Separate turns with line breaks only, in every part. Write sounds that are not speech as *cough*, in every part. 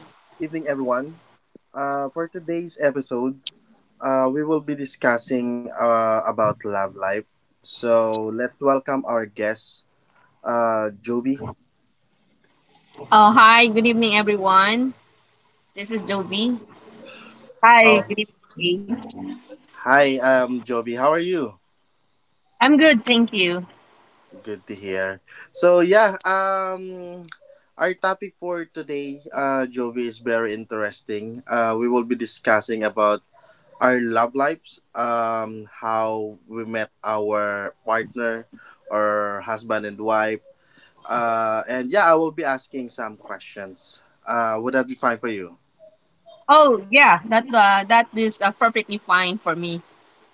evening, everyone. For today's episode, we will be discussing about love life. So let's welcome our guest, Joby.
Hi, good evening, everyone. This is Joby. Hi,
Oh,
good evening. Ace.
hi, Joby. How are you?
I'm good, thank you.
Good to hear. So yeah, our topic for today, Jovi, is very interesting. We will be discussing about our love lives, how we met our partner or husband and wife. And yeah, I will be asking some questions. Would that be fine for you?
Oh yeah, that is perfectly fine for me.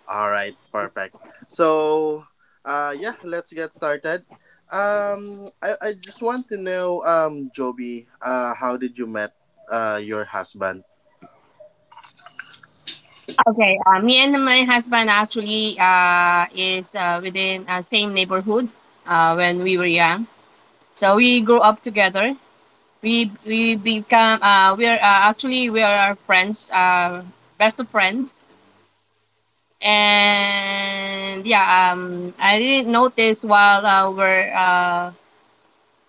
All right, perfect. So, yeah, let's get started. I just want to know, Joby, how did you met your husband?
Okay, me and my husband actually is within same neighborhood when we were young. So we grew up together. We become we are actually we are our friends, best of friends. And yeah, I didn't notice while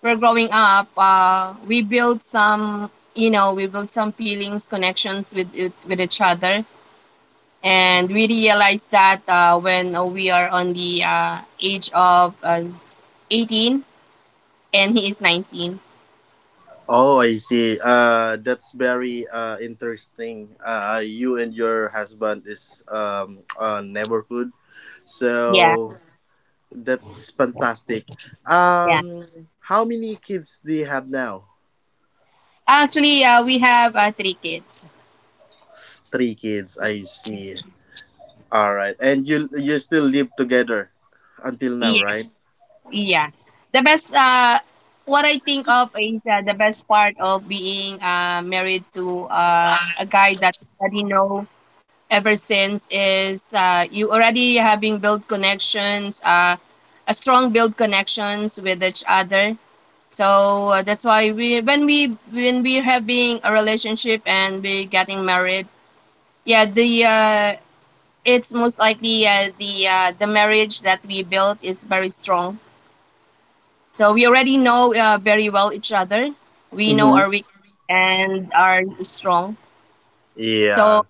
we're growing up we build some we build some feelings connections with each other, and we realize that when we are on the age of 18, and he is 19.
Oh, I see. That's very interesting. You and your husband is a neighborhood,
Yeah.
so that's fantastic.
Yeah,
Um, how many kids do you have now?
actually we have three kids.
Three kids. I see. All right, and you still live together until now, right?
Yes. Yeah, the best what I think of is the best part of being married to a guy that already know ever since is you already having build connections, a strong build connections with each other. So that's why we when we when we having a relationship and we getting married, yeah, the it's most likely the marriage that we built is very strong. So we already know very well each other. We know
Mm-hmm.
our weak and are strong. So
Yeah,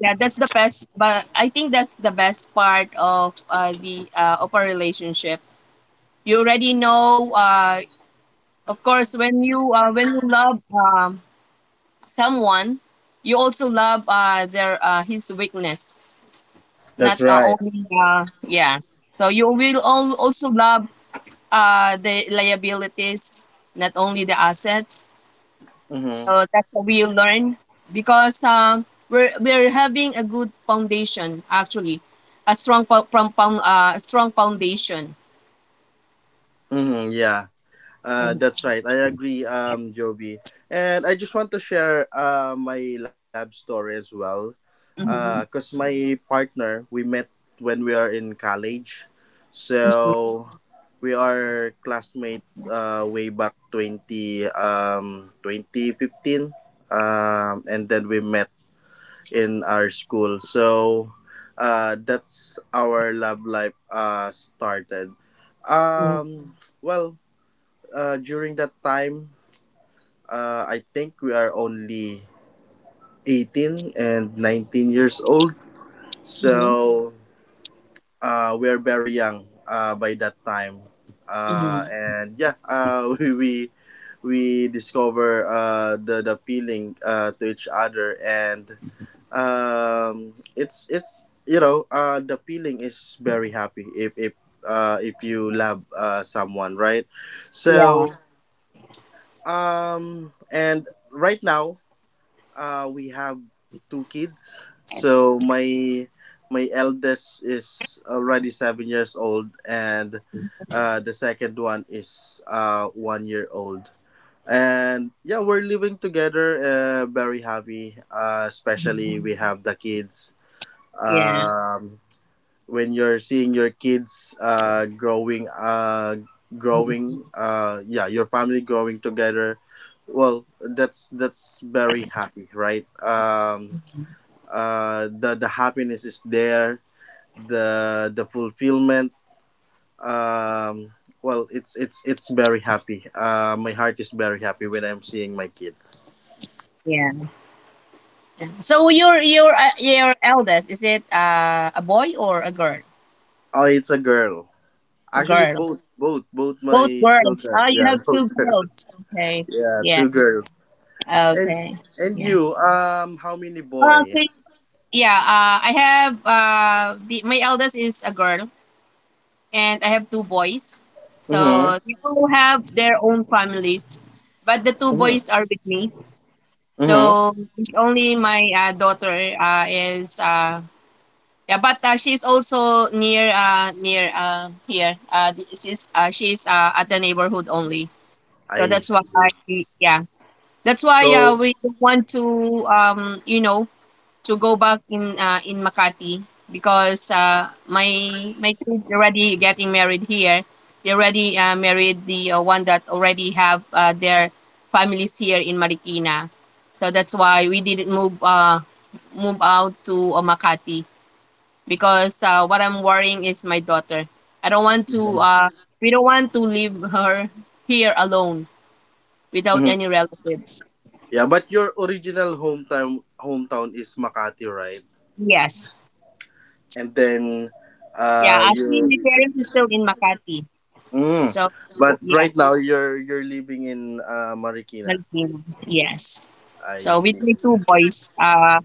yeah, that's the best. But I think that's the best part of the of a relationship. You already know. Of course, when you love someone, you also love their his weakness, not
that's right.
only yeah. So you will all also love the liabilities, not only the assets.
Mm-hmm.
So that's how we learn because we're having a good foundation actually, a strong po- from a strong foundation.
Mm-hmm. Yeah. That's right. I agree, Joby. And I just want to share my lab story as well.
Mm-hmm.
Because my partner, we met when we are in college. So we are classmate way back 2015. And then we met in our school. So that's our lab life started. Um, well, during that time, I think we are only 18 and 19 years old.
Mm-hmm.
So we are very young by that time.
Hmm.
And yeah, *laughs* we discover the feeling to each other, and it's the feeling is very happy if you love someone, right?
Yeah,
So, and right now, we have two kids. So my eldest is already 7 years old, and the second one is 1 year old. And yeah, we're living together. Very happy. Especially we have the kids.
yeah,
Um, when you're seeing your kids growing, yeah, your family growing together, well, that's very happy, right? The happiness is there, the fulfillment. Um well it's very happy. My heart is very happy when I'm seeing my kid.
yeah. So your eldest is it a boy or a girl?
Oh, it's a girl.
A
Actually,
girl.
both
Both
my
girls.
children,
Oh,
yeah,
you have
*laughs* both
two
girls.
girls. Okay.
Yeah,
Yeah.
two girls. And
Okay.
and
Yeah.
you, how many boy?
Okay. Yeah, I have my eldest is a girl, and I have two boys.
Mm-hmm.
So they all have their own families, but the two boys
Mm-hmm.
are with me.
Mm-hmm.
So it's only my daughter is yeah, but she's also near here. This is She's at the neighborhood only. So
I
that's why
see.
yeah, that's why
So,
we don't want to to go back in Makati because my my kids already getting married here. They already married the one that already have their families here in Marikina. So that's why we didn't move move out to Makati because what I'm worrying is my daughter. I don't want to
Mm-hmm,
we don't want to leave her here alone without any relatives.
yeah, but your original hometown is Makati, right?
Yes.
And then,
Yeah, I think
you.
my parents is still in Makati.
Mm.
So
But
yeah.
right now, you're living in Marikina.
Filipino, yes.
I
So with
see.
my two boys,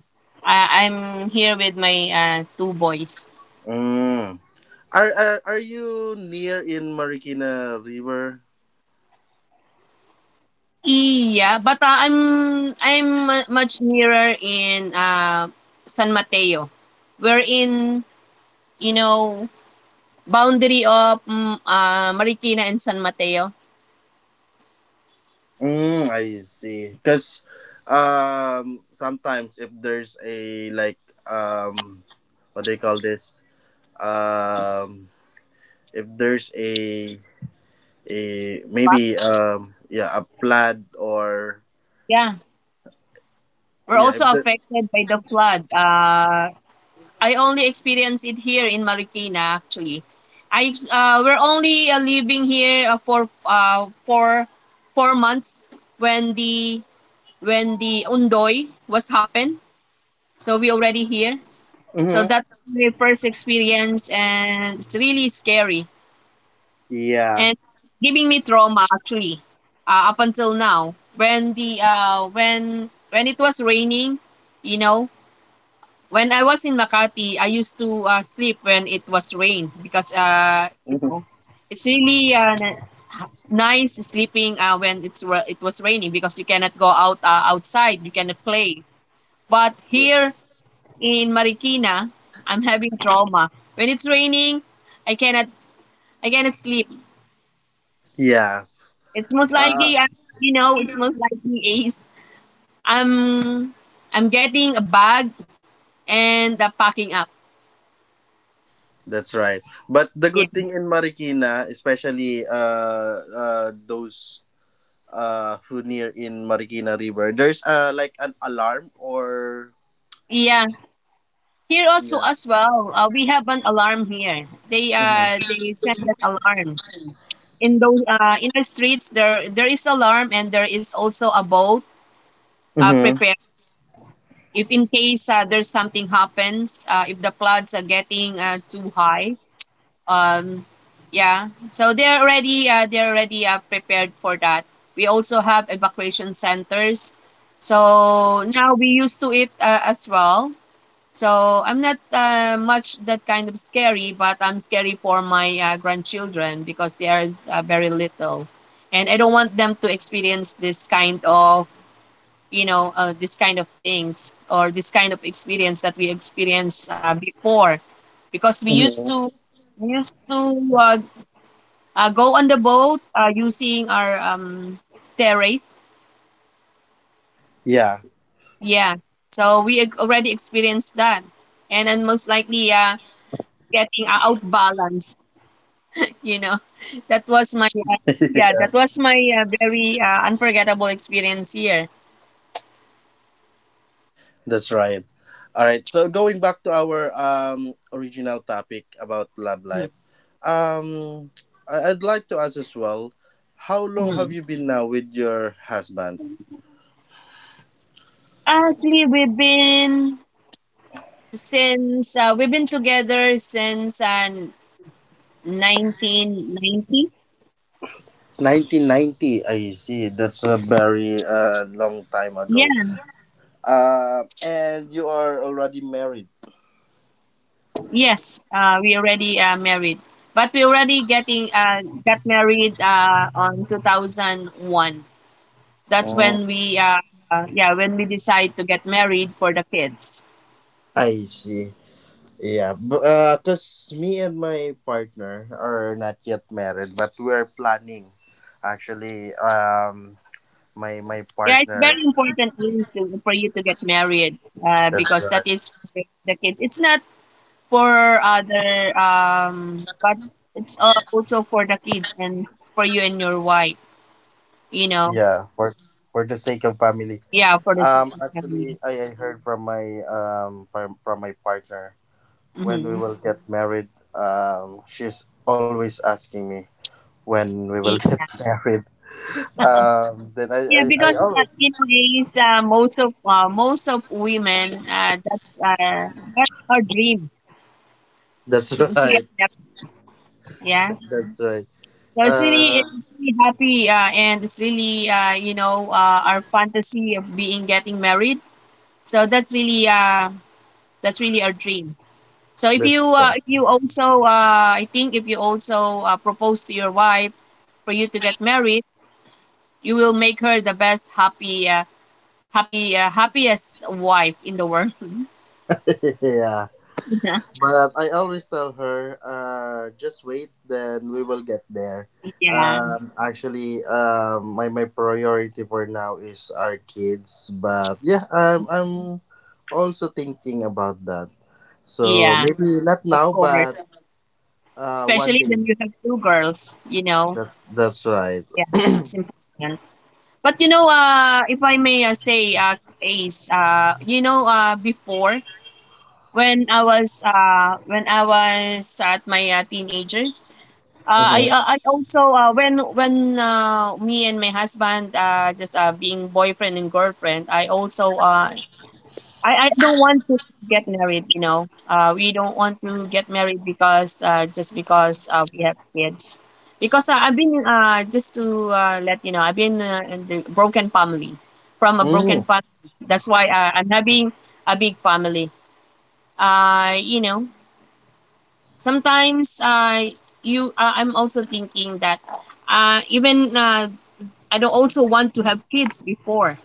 I'm here with my two boys.
Mm. Are you near in Marikina River?
Yeah, but I'm much nearer in San Mateo. We're in you know boundary of Marikina and San Mateo.
Mm, I see. Because sometimes if there's a like, um, what do you call this? Um, if there's a maybe, yeah, a plaid or,
Yeah, we're
yeah,
also
if there,
affected by the flood. I only experienced it here in Marikina actually. I We're only living here for for 4 months when the when the undoy was happened. So we already here. So
mm-hmm,
that's my first experience, and it's really scary
yeah,
and giving me trauma actually up until now when the when it was raining, you know, when I was in Makati, I used to sleep when it was rain because
mm-hmm,
you know, it's really nice sleeping when it was raining because you cannot go out outside, you cannot play. But here in Marikina, I'm having trauma. When it's raining, I cannot I cannot sleep.
yeah,
It's most
uh,
likely you know, it's most likely is I'm I'm getting a bag and packing up.
that's right. But the
Yeah.
good thing in Marikina, especially those who near in Marikina River, there's like an alarm or.
Yeah, here also
Yeah.
as well, we have an alarm here. They
Mm-hmm.
uh they send an alarm in those in the streets. There is alarm, and there is also a boat
Mm-hmm.
prepared if in case there's something happens. If the floods are getting too high. Um, yeah. So they're already prepared for that. We also have evacuation centers. So now we used to it as well. So I'm not much that kind of scary, but I'm scary for my grandchildren because they are very little, and I don't want them to experience this kind of you know this kind of things or this kind of experience that we experienced before, because we used to go on the boat using our terrace.
Yeah.
Yeah, so already experienced that, and then most likely getting outbalanced you know *laughs* that
*laughs*
was my yeah that was my very unforgettable experience here.
That's right. All right. So going back to our original topic about love life.
Mhm.
Um, I'd like to ask as well. How long have
Mhm.
you been now with your husband?
Actually we've been since we've been together since 1990.
1990. I see. That's a very long time ago.
Yeah.
And you are already married.
Yes we already married, but we already getting got married on 2001. That's when
Mm.
we yeah when we decide to get married for the kids.
I see. Yeah, but cause me and my partner are not yet married, but we are planning. Actually, my
Yeah, it's
partner.
very important is to, for you to get married
That's
because that
right.
is for the kids. It's not for other, but it's also for the kids and for you and your wife, you
Yeah,
know.
for the sake of family.
Yeah, for
Um,
the second
actually,
family.
I heard from my from my partner when we
Hmm.
will get married. She's always asking me when we will get
Yeah,
*laughs* married. Then I
yeah,
I, I
because
always.
you know, is most of women that's our dream
That's *laughs*
to get
right.
married. Yeah.
That's right.
Yeah,
Uh,
it's really happy, and it's really, you know, our fantasy of being getting married. So that's really our dream. So
that's her.
if you also, I think if you also propose to your wife for you to get married, you will make her the happiest wife in the world.
*laughs* Yeah.
*laughs*
But I always tell her, just wait, then we will get there.
yeah,
Actually, my priority for now is our kids. But yeah, I'm also thinking about that. So
yeah,
maybe not
of
now,
course.
but one
Especially
day.
when you have two girls, you know.
That's right.
Yeah,
*clears throat*
it's important. But you know, if I may say, Ace, you know, before when I was at my teenager,
Mm-hmm.
I also when me and my husband just being boyfriend and girlfriend, I also I don't want to get married, you know. We don't want to get married because just because we have kids. Because I've been just to let you know, I've been in the broken family, from a broken family. That's why I'm having a big family. You know, sometimes you I'm also thinking that even I don't also want to have kids before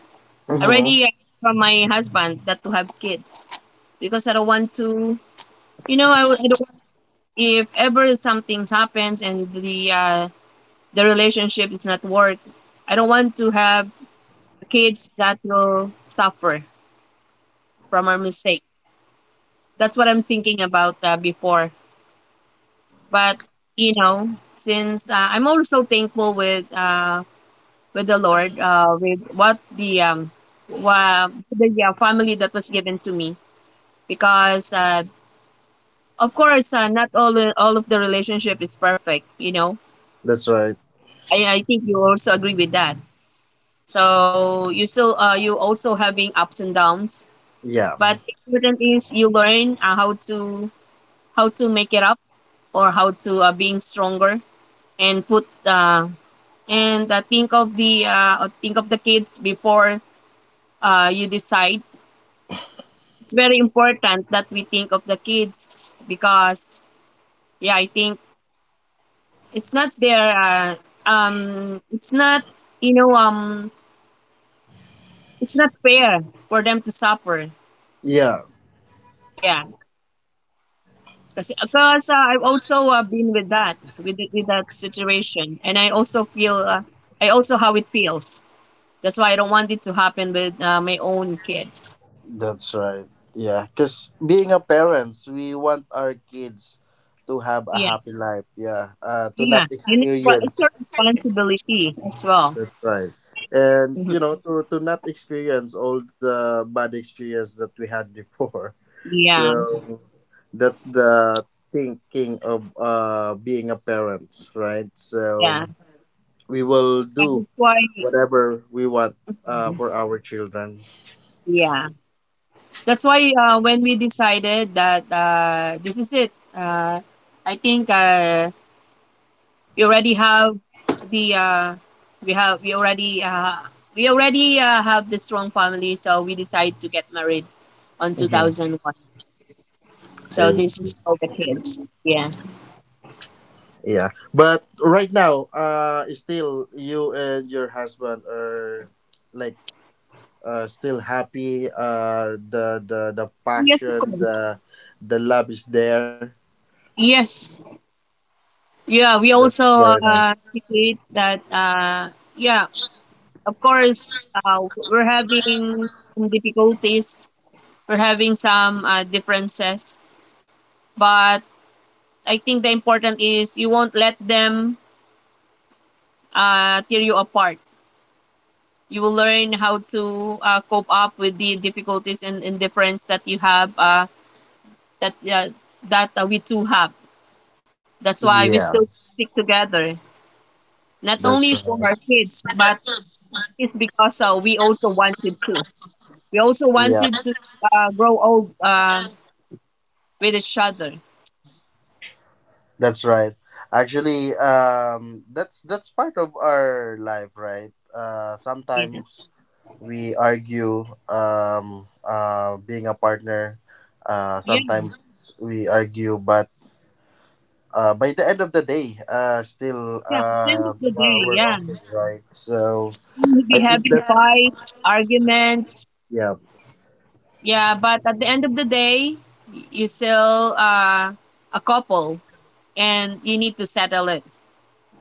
Mm-hmm.
already from my husband that to have kids because I don't want to you know, I if ever something happens and the relationship is not work, I don't want to have kids that will suffer from our mistake. That's what I'm thinking about before. But you know, since I'm also thankful with the Lord with the family that was given to me because of course not all of the relationship is perfect. You know,
That's right.
I think you also agree with that. So you still you also having ups and downs,
Yeah.
but important is you learn how to make it up or how to being stronger and put and think of the kids before you decide. It's very important that we think of the kids because yeah, I think it's not their uh, it's not you know it's not fair for them to suffer.
Yeah.
Yeah. Because I've also been with that, with that situation, and I also feel, I also how it feels. That's why I don't want it to happen with my own kids.
That's right. Yeah, because being a parents, we want our kids to have a
Yeah,
happy life. Yeah, to
yeah,
not
and it's
experience.
your responsibility as well.
That's right. And
Mhm.
to not experience all the bad experience that we had before. *laughs*
Yeah,
So that's the thinking of being a parent, right? So
yeah.
we will
And
do
that's why,
whatever we want for our children.
yeah, that's why when we decided that this is it, I think. We already have the we have we already have the strong family, so we decide to get married on
Hmm.
2001. So
I
this is
see.
for the kids. Yeah.
Yeah, but right now, still you and your husband are like, still happy. The
Yes, of
passion,
course.
the love is there.
Yes. Yeah, we
That's very
also
nice.
debate that. Yeah, of course, we're having some difficulties. We're having some differences, but I think the important is you won't let them tear you apart. You will learn how to cope up with the difficulties and indifference that you have that that we two have. That's why we
Yeah,
still stick together, not
that's
only
right.
for our kids but it's because we also wanted to we also
Yeah,
wanted to grow old with each other.
that's right. Actually, that's part of our life, right? Uh,
Yeah,
sometimes we argue, being a partner. Uh,
yeah,
sometimes we argue, but by the end of the day, still,
yeah, at the end of the day,
we're
yeah,
okay, right? So
we'll
I
be
think
having
that's,
fights, arguments,
yeah.
yeah, but at the end of the day you still a couple, and you need to settle it,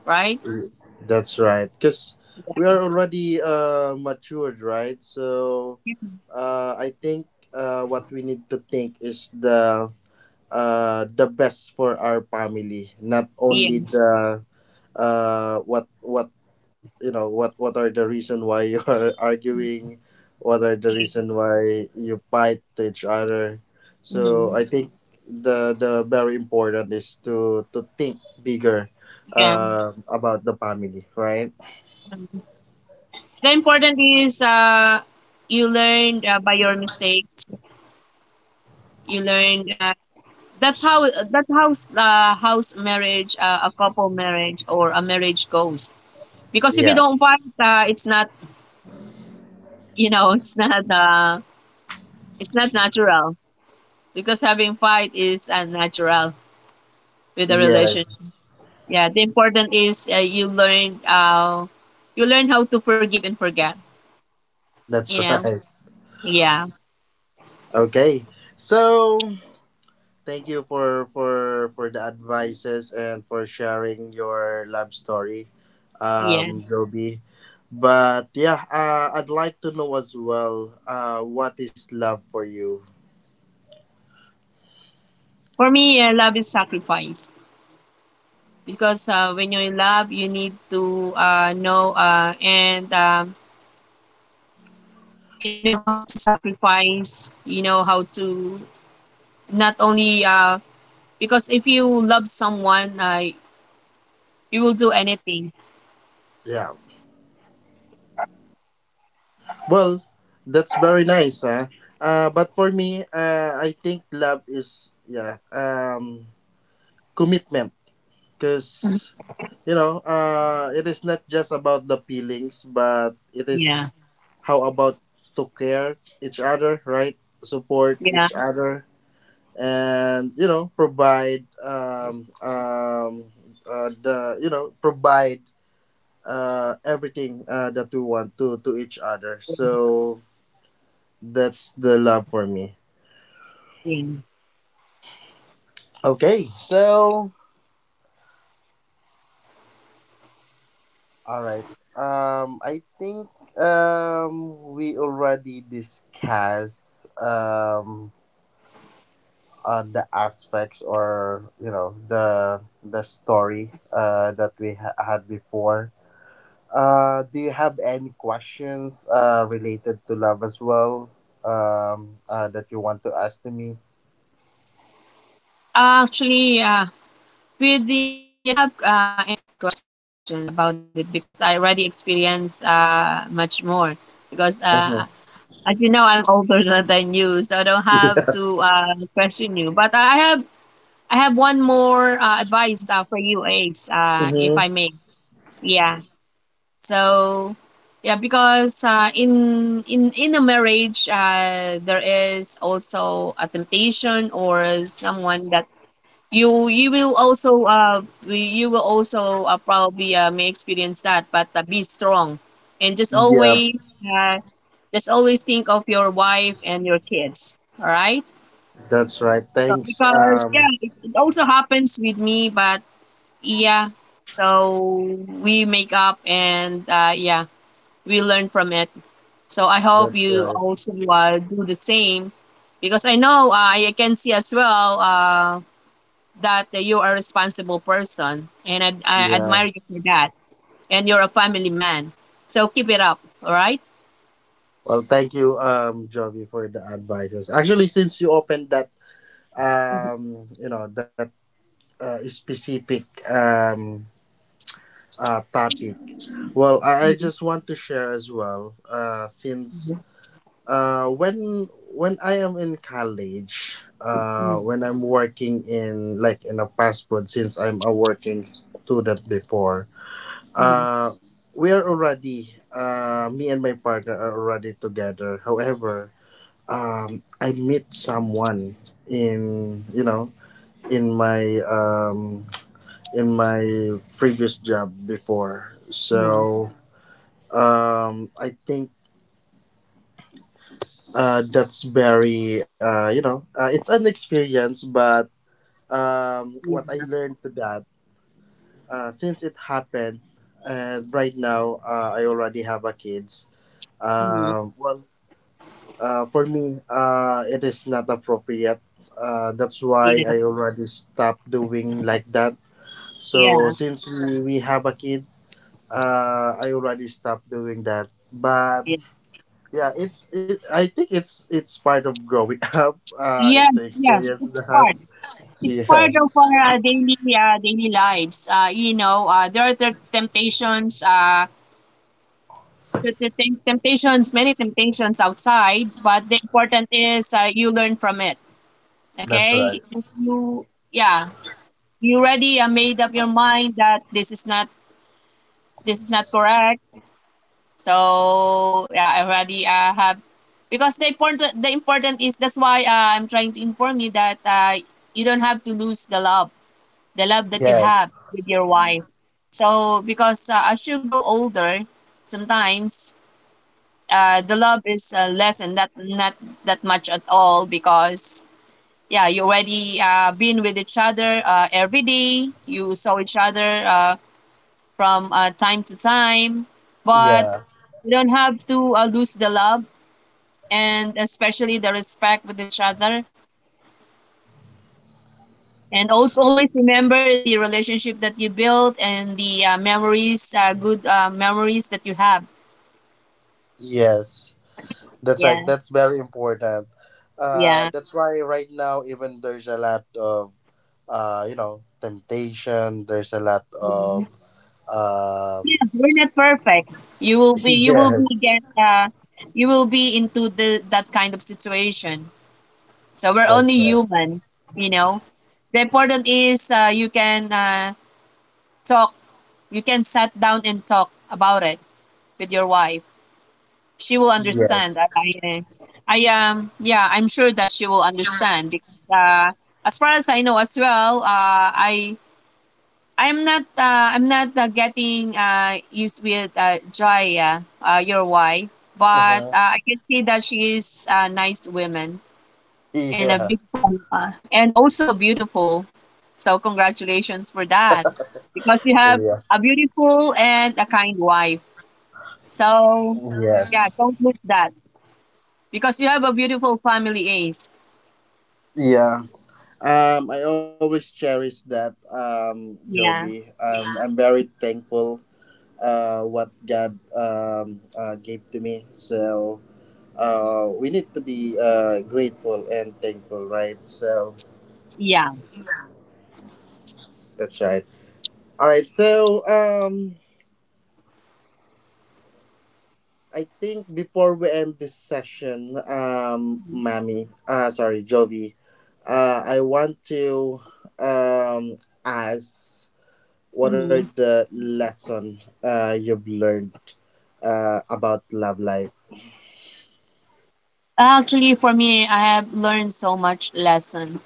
right?
Mm. That's right, because we
Yeah.
are already matured, right? So I think what we need to think is the best for our family, not only
Yes.
the what what are the reason why you are *laughs* arguing, what are the reason why you fight to each other. So
Mm-hmm.
I think the very important is to think bigger,
Yeah.
about the family, right?
The important is you learn by your mistakes. You learn that's how house marriage, a couple marriage or a marriage goes. Because if you
Yeah.
don't fight, it's not you know *laughs* it's not uh, it's not natural. Because having fight is unnatural with a
Yeah,
relation. Yeah, the important is you learn how to forgive and forget, you
that's *laughs*
know.
right.
Yeah.
Okay, so. Thank you for the advices and for sharing your love story,
Yeah.
Joby. But yeah, I'd like to know as well, what is love for you?
For me, love is sacrifice, because when you're in love, you need to know and you know how to sacrifice, you know how to, not only because if you love someone, you will do anything.
Yeah. Well, that's very nice, huh? But for me, I think love is, yeah, commitment,
Mhm.
because, you know, it is not just about the feelings, but it
Yeah.
is how about to care each other, right? Support
Yeah.
each other, and provide, the, provide everything that we want to each other. So that's the love for me.
Yeah.
Okay, so, all right. I think we already discussed, the aspects or, you know, the story that we had before. Do you have any questions related to love as well, that you want to ask to me?
Actually, with the I don't have any questions about it, because I already experienced much more. Because
Hmm.
as you know, I'm older *laughs* than you, so I don't have to question you. But I have one more advice for you, Ace, if
Hmm.
I may. Yeah. So, yeah, because in a marriage, there is also a temptation or someone that you will also you will also probably may experience that, but be strong and
Yeah,
just always think of your wife and your kids, all right?
that's right.
So,
Thanks.
because yeah,
Um,
it also happens with me but, yeah, so we make up and, yeah, we learn from it. So I hope
that's
you
right.
also do the same, because I know, I can see as well that you are a responsible person, and I
Yeah.
admire you for that, and you're a family man, so keep it up, all right?
Well, thank you, Jovi, for the advices. Actually, since you opened that,
Mhm,
you know that specific, um topic. Well, I
mhm,
just want to share as well. Since when I am in college,
mhm,
when I'm working in like in a fast food, since I'm a working student before,
mhm,
uh, we are already, me and my partner are already together. However, I meet someone, in, you know, in my, in my previous job before.
mhm,
So, I think that's very, it's an experience. But what I learned to that, since it happened, and right now, I already have a kids.
mhm, mhm.
Well, for me, it is not appropriate, that's why
Yeah,
I already stopped doing like that. So
yeah,
since we have a kid, I already stopped doing that. But,
yeah.
yeah, it, I think it's part of growing *laughs* up. Uh
Yes,
if to
yes,
experience
it's part,
that.
it's part of
Yes.
our daily daily lives, you know, there are the temptations, temptations, many temptations outside, but the important is you learn from it.
That's
Okay.
right.
If you, yeah, you already made up your mind that this is not, this is not correct. So yeah, I already have, because the important, the important is, that's why I'm trying to inform you that you don't have to lose the love, the love that you
Yes.
have with your wife. So because as you grow older, sometimes the love is less and not, not that much at all, because yeah, you already been with each other every day, you saw each other from time to time, but
Yeah.
we don't have to lose the love, and especially the respect with each other. And also always remember the relationship that you built and the memories, good memories that you have.
Yes. That's right.
Yeah,
That's very important. Uh
yeah.
that's why right now, even there's a lot of, temptation, there's a lot
Mhm.
of,
Yeah,
um
we're not perfect. You will be,
*laughs*
you will
Yes.
be get, uh, you will be into the that kind of situation. So we're
That's
only
right.
human, you know. The important is you can talk you can sit down and talk about it with your wife. She will understand.
Yes.
I yeah, I'm sure that she will understand, because as far as I know as well, I I'm not getting used with Jaya, your wife, but
Uh-huh.
I can see that she is a nice woman and a
Yeah.
beautiful and also beautiful. So congratulations for that, because you have
Yeah.
a beautiful and a kind wife. So
Yes.
yeah, don't miss that, because you have a beautiful family, Ace.
Yeah. I always cherish that,
Yeah,
Joby. I'm very thankful, what God, gave to me. So we need to be grateful and thankful, right? So
yeah.
that's right. All right. So I think before we end this session, Mammy, sorry, Jovi, I want to, um, ask. What are
Mhm.
the lesson you've learned about love life?
Actually, for me, I have learned so much lesson.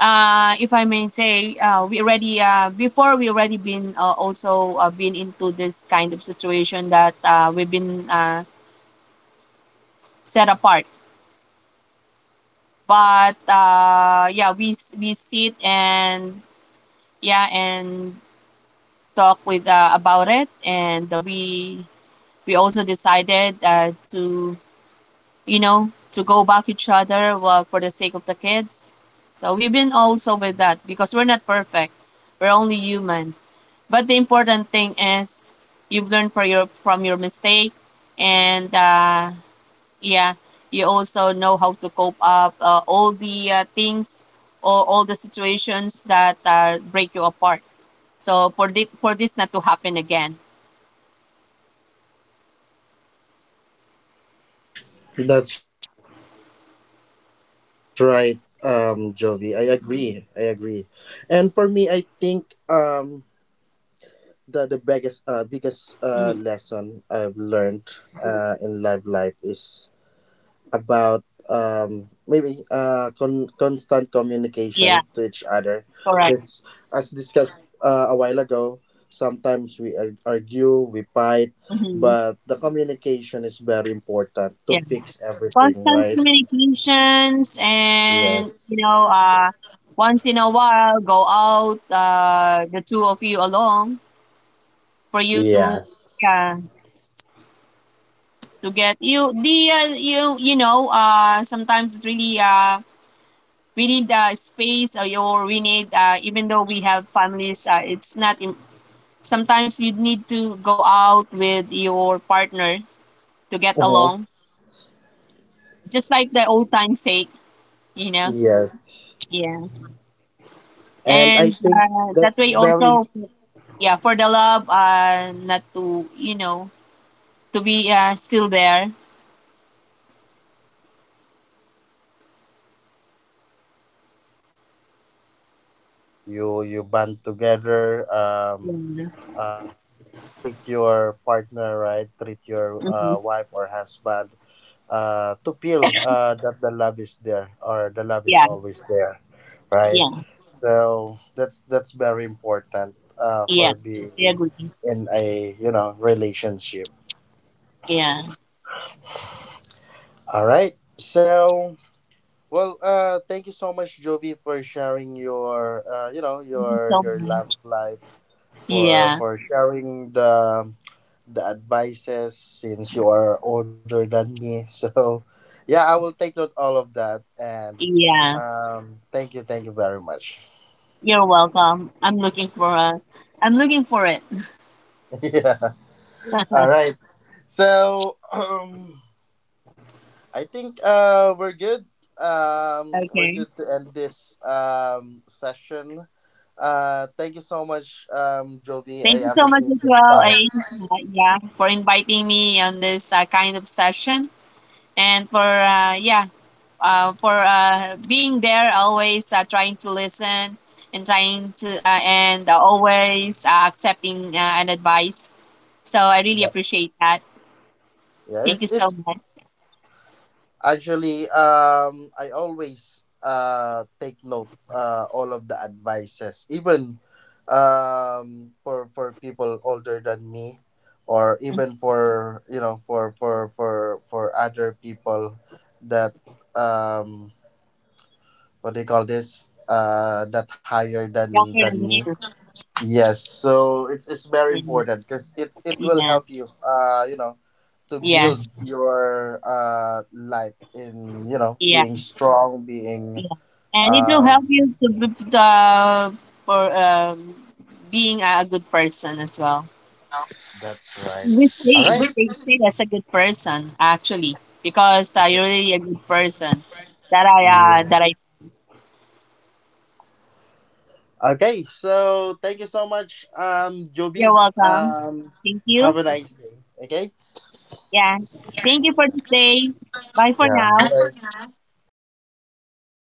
If I may say, we already before, we already been also been into this kind of situation that we've been set apart. But yeah, we sit and, yeah, and talk with about it, and we also decided to, you know, to go back each other, well, for the sake of the kids. So we've been also with that, because we're not perfect, we're only human. But the important thing is you've learned from your, from your mistake, and yeah, you also know how to cope up all the things or all the situations that break you apart, so for this, for this not to happen again.
That's right, Jovi. I agree, I agree. And for me, I think, the biggest, lesson I've learned
Hmm.
in love life is about, maybe, constant communication to each
Yeah,
other. Because, as
correct.
discussed a while ago, sometimes we argue, we fight, but
Hmm.
the communication is very important to
Yeah,
fix everything,
constant
right?
communications, and
Yes.
you know, once in a while go out, the two of you alone, for you
Yeah.
to, yeah, to get you the, you know, sometimes it's really we need space, or your we need even though we have families, it's not im- sometimes you need to go out with your partner to get along,
Mhm.
just like the old time sake, you know.
Yes.
Yeah.
And I
And
think
that
that's
way
very.
also, yeah, for the love not to, you know, to be still there.
Yes. That's very important as well, maybe, you band together,
Yeah.
uh treat treat your partner right, treat your,
Hmm.
wife or husband, to feel that the love is there, or the love is
Yeah.
always there, right?
Yeah.
So that's very important
Yeah,
for
I
being
agree.
in a, you know, relationship.
Yeah.
All right, so. Well, thank you so much, Jovi, for sharing your,
Thank you
your
so
your love
much.
life, for
Yeah.
sharing the advices, since you are older than me. *laughs* So yeah, I will take note all of that. And,
Yeah,
thank you very much.
you're welcome. I'm looking for a, I'm looking for it.
*laughs* Yeah.
*laughs*
All right. So, *clears throat* I think we're good. We're
Okay.
good to end this, session. Thank you so much, Jovi.
Thank
I
you so much
appreciate
as
your
well.
time.
Yeah, for inviting me on this kind of session, and for yeah, for being there, always trying to listen, and trying to and always accepting an advice. So I really
Yeah.
appreciate that.
Yeah,
Thank you so
it's,
much.
actually, I always take note all of the advices, even for people older than me, or even
*laughs*
for, you know, for other people that, um what do you call this, that higher than
Younger than
me.
you.
Yes, so it's very important because it will
Yeah.
help
*laughs*
you, you know to build
Yes.
your life in, you know,
Yeah.
being strong, being,
Yeah. And it will help
um
you to be- for being a good person as well.
that's right. All right.
They stay as a good person, actually, because you're really a good person
Yeah.
that I.
Okay, so thank you so much,
You're
Joby.
welcome. Thank
Have a
you.
nice day, okay?
Yeah. Thank you for today. Bye for
Yeah,
now.
bye.
Bye.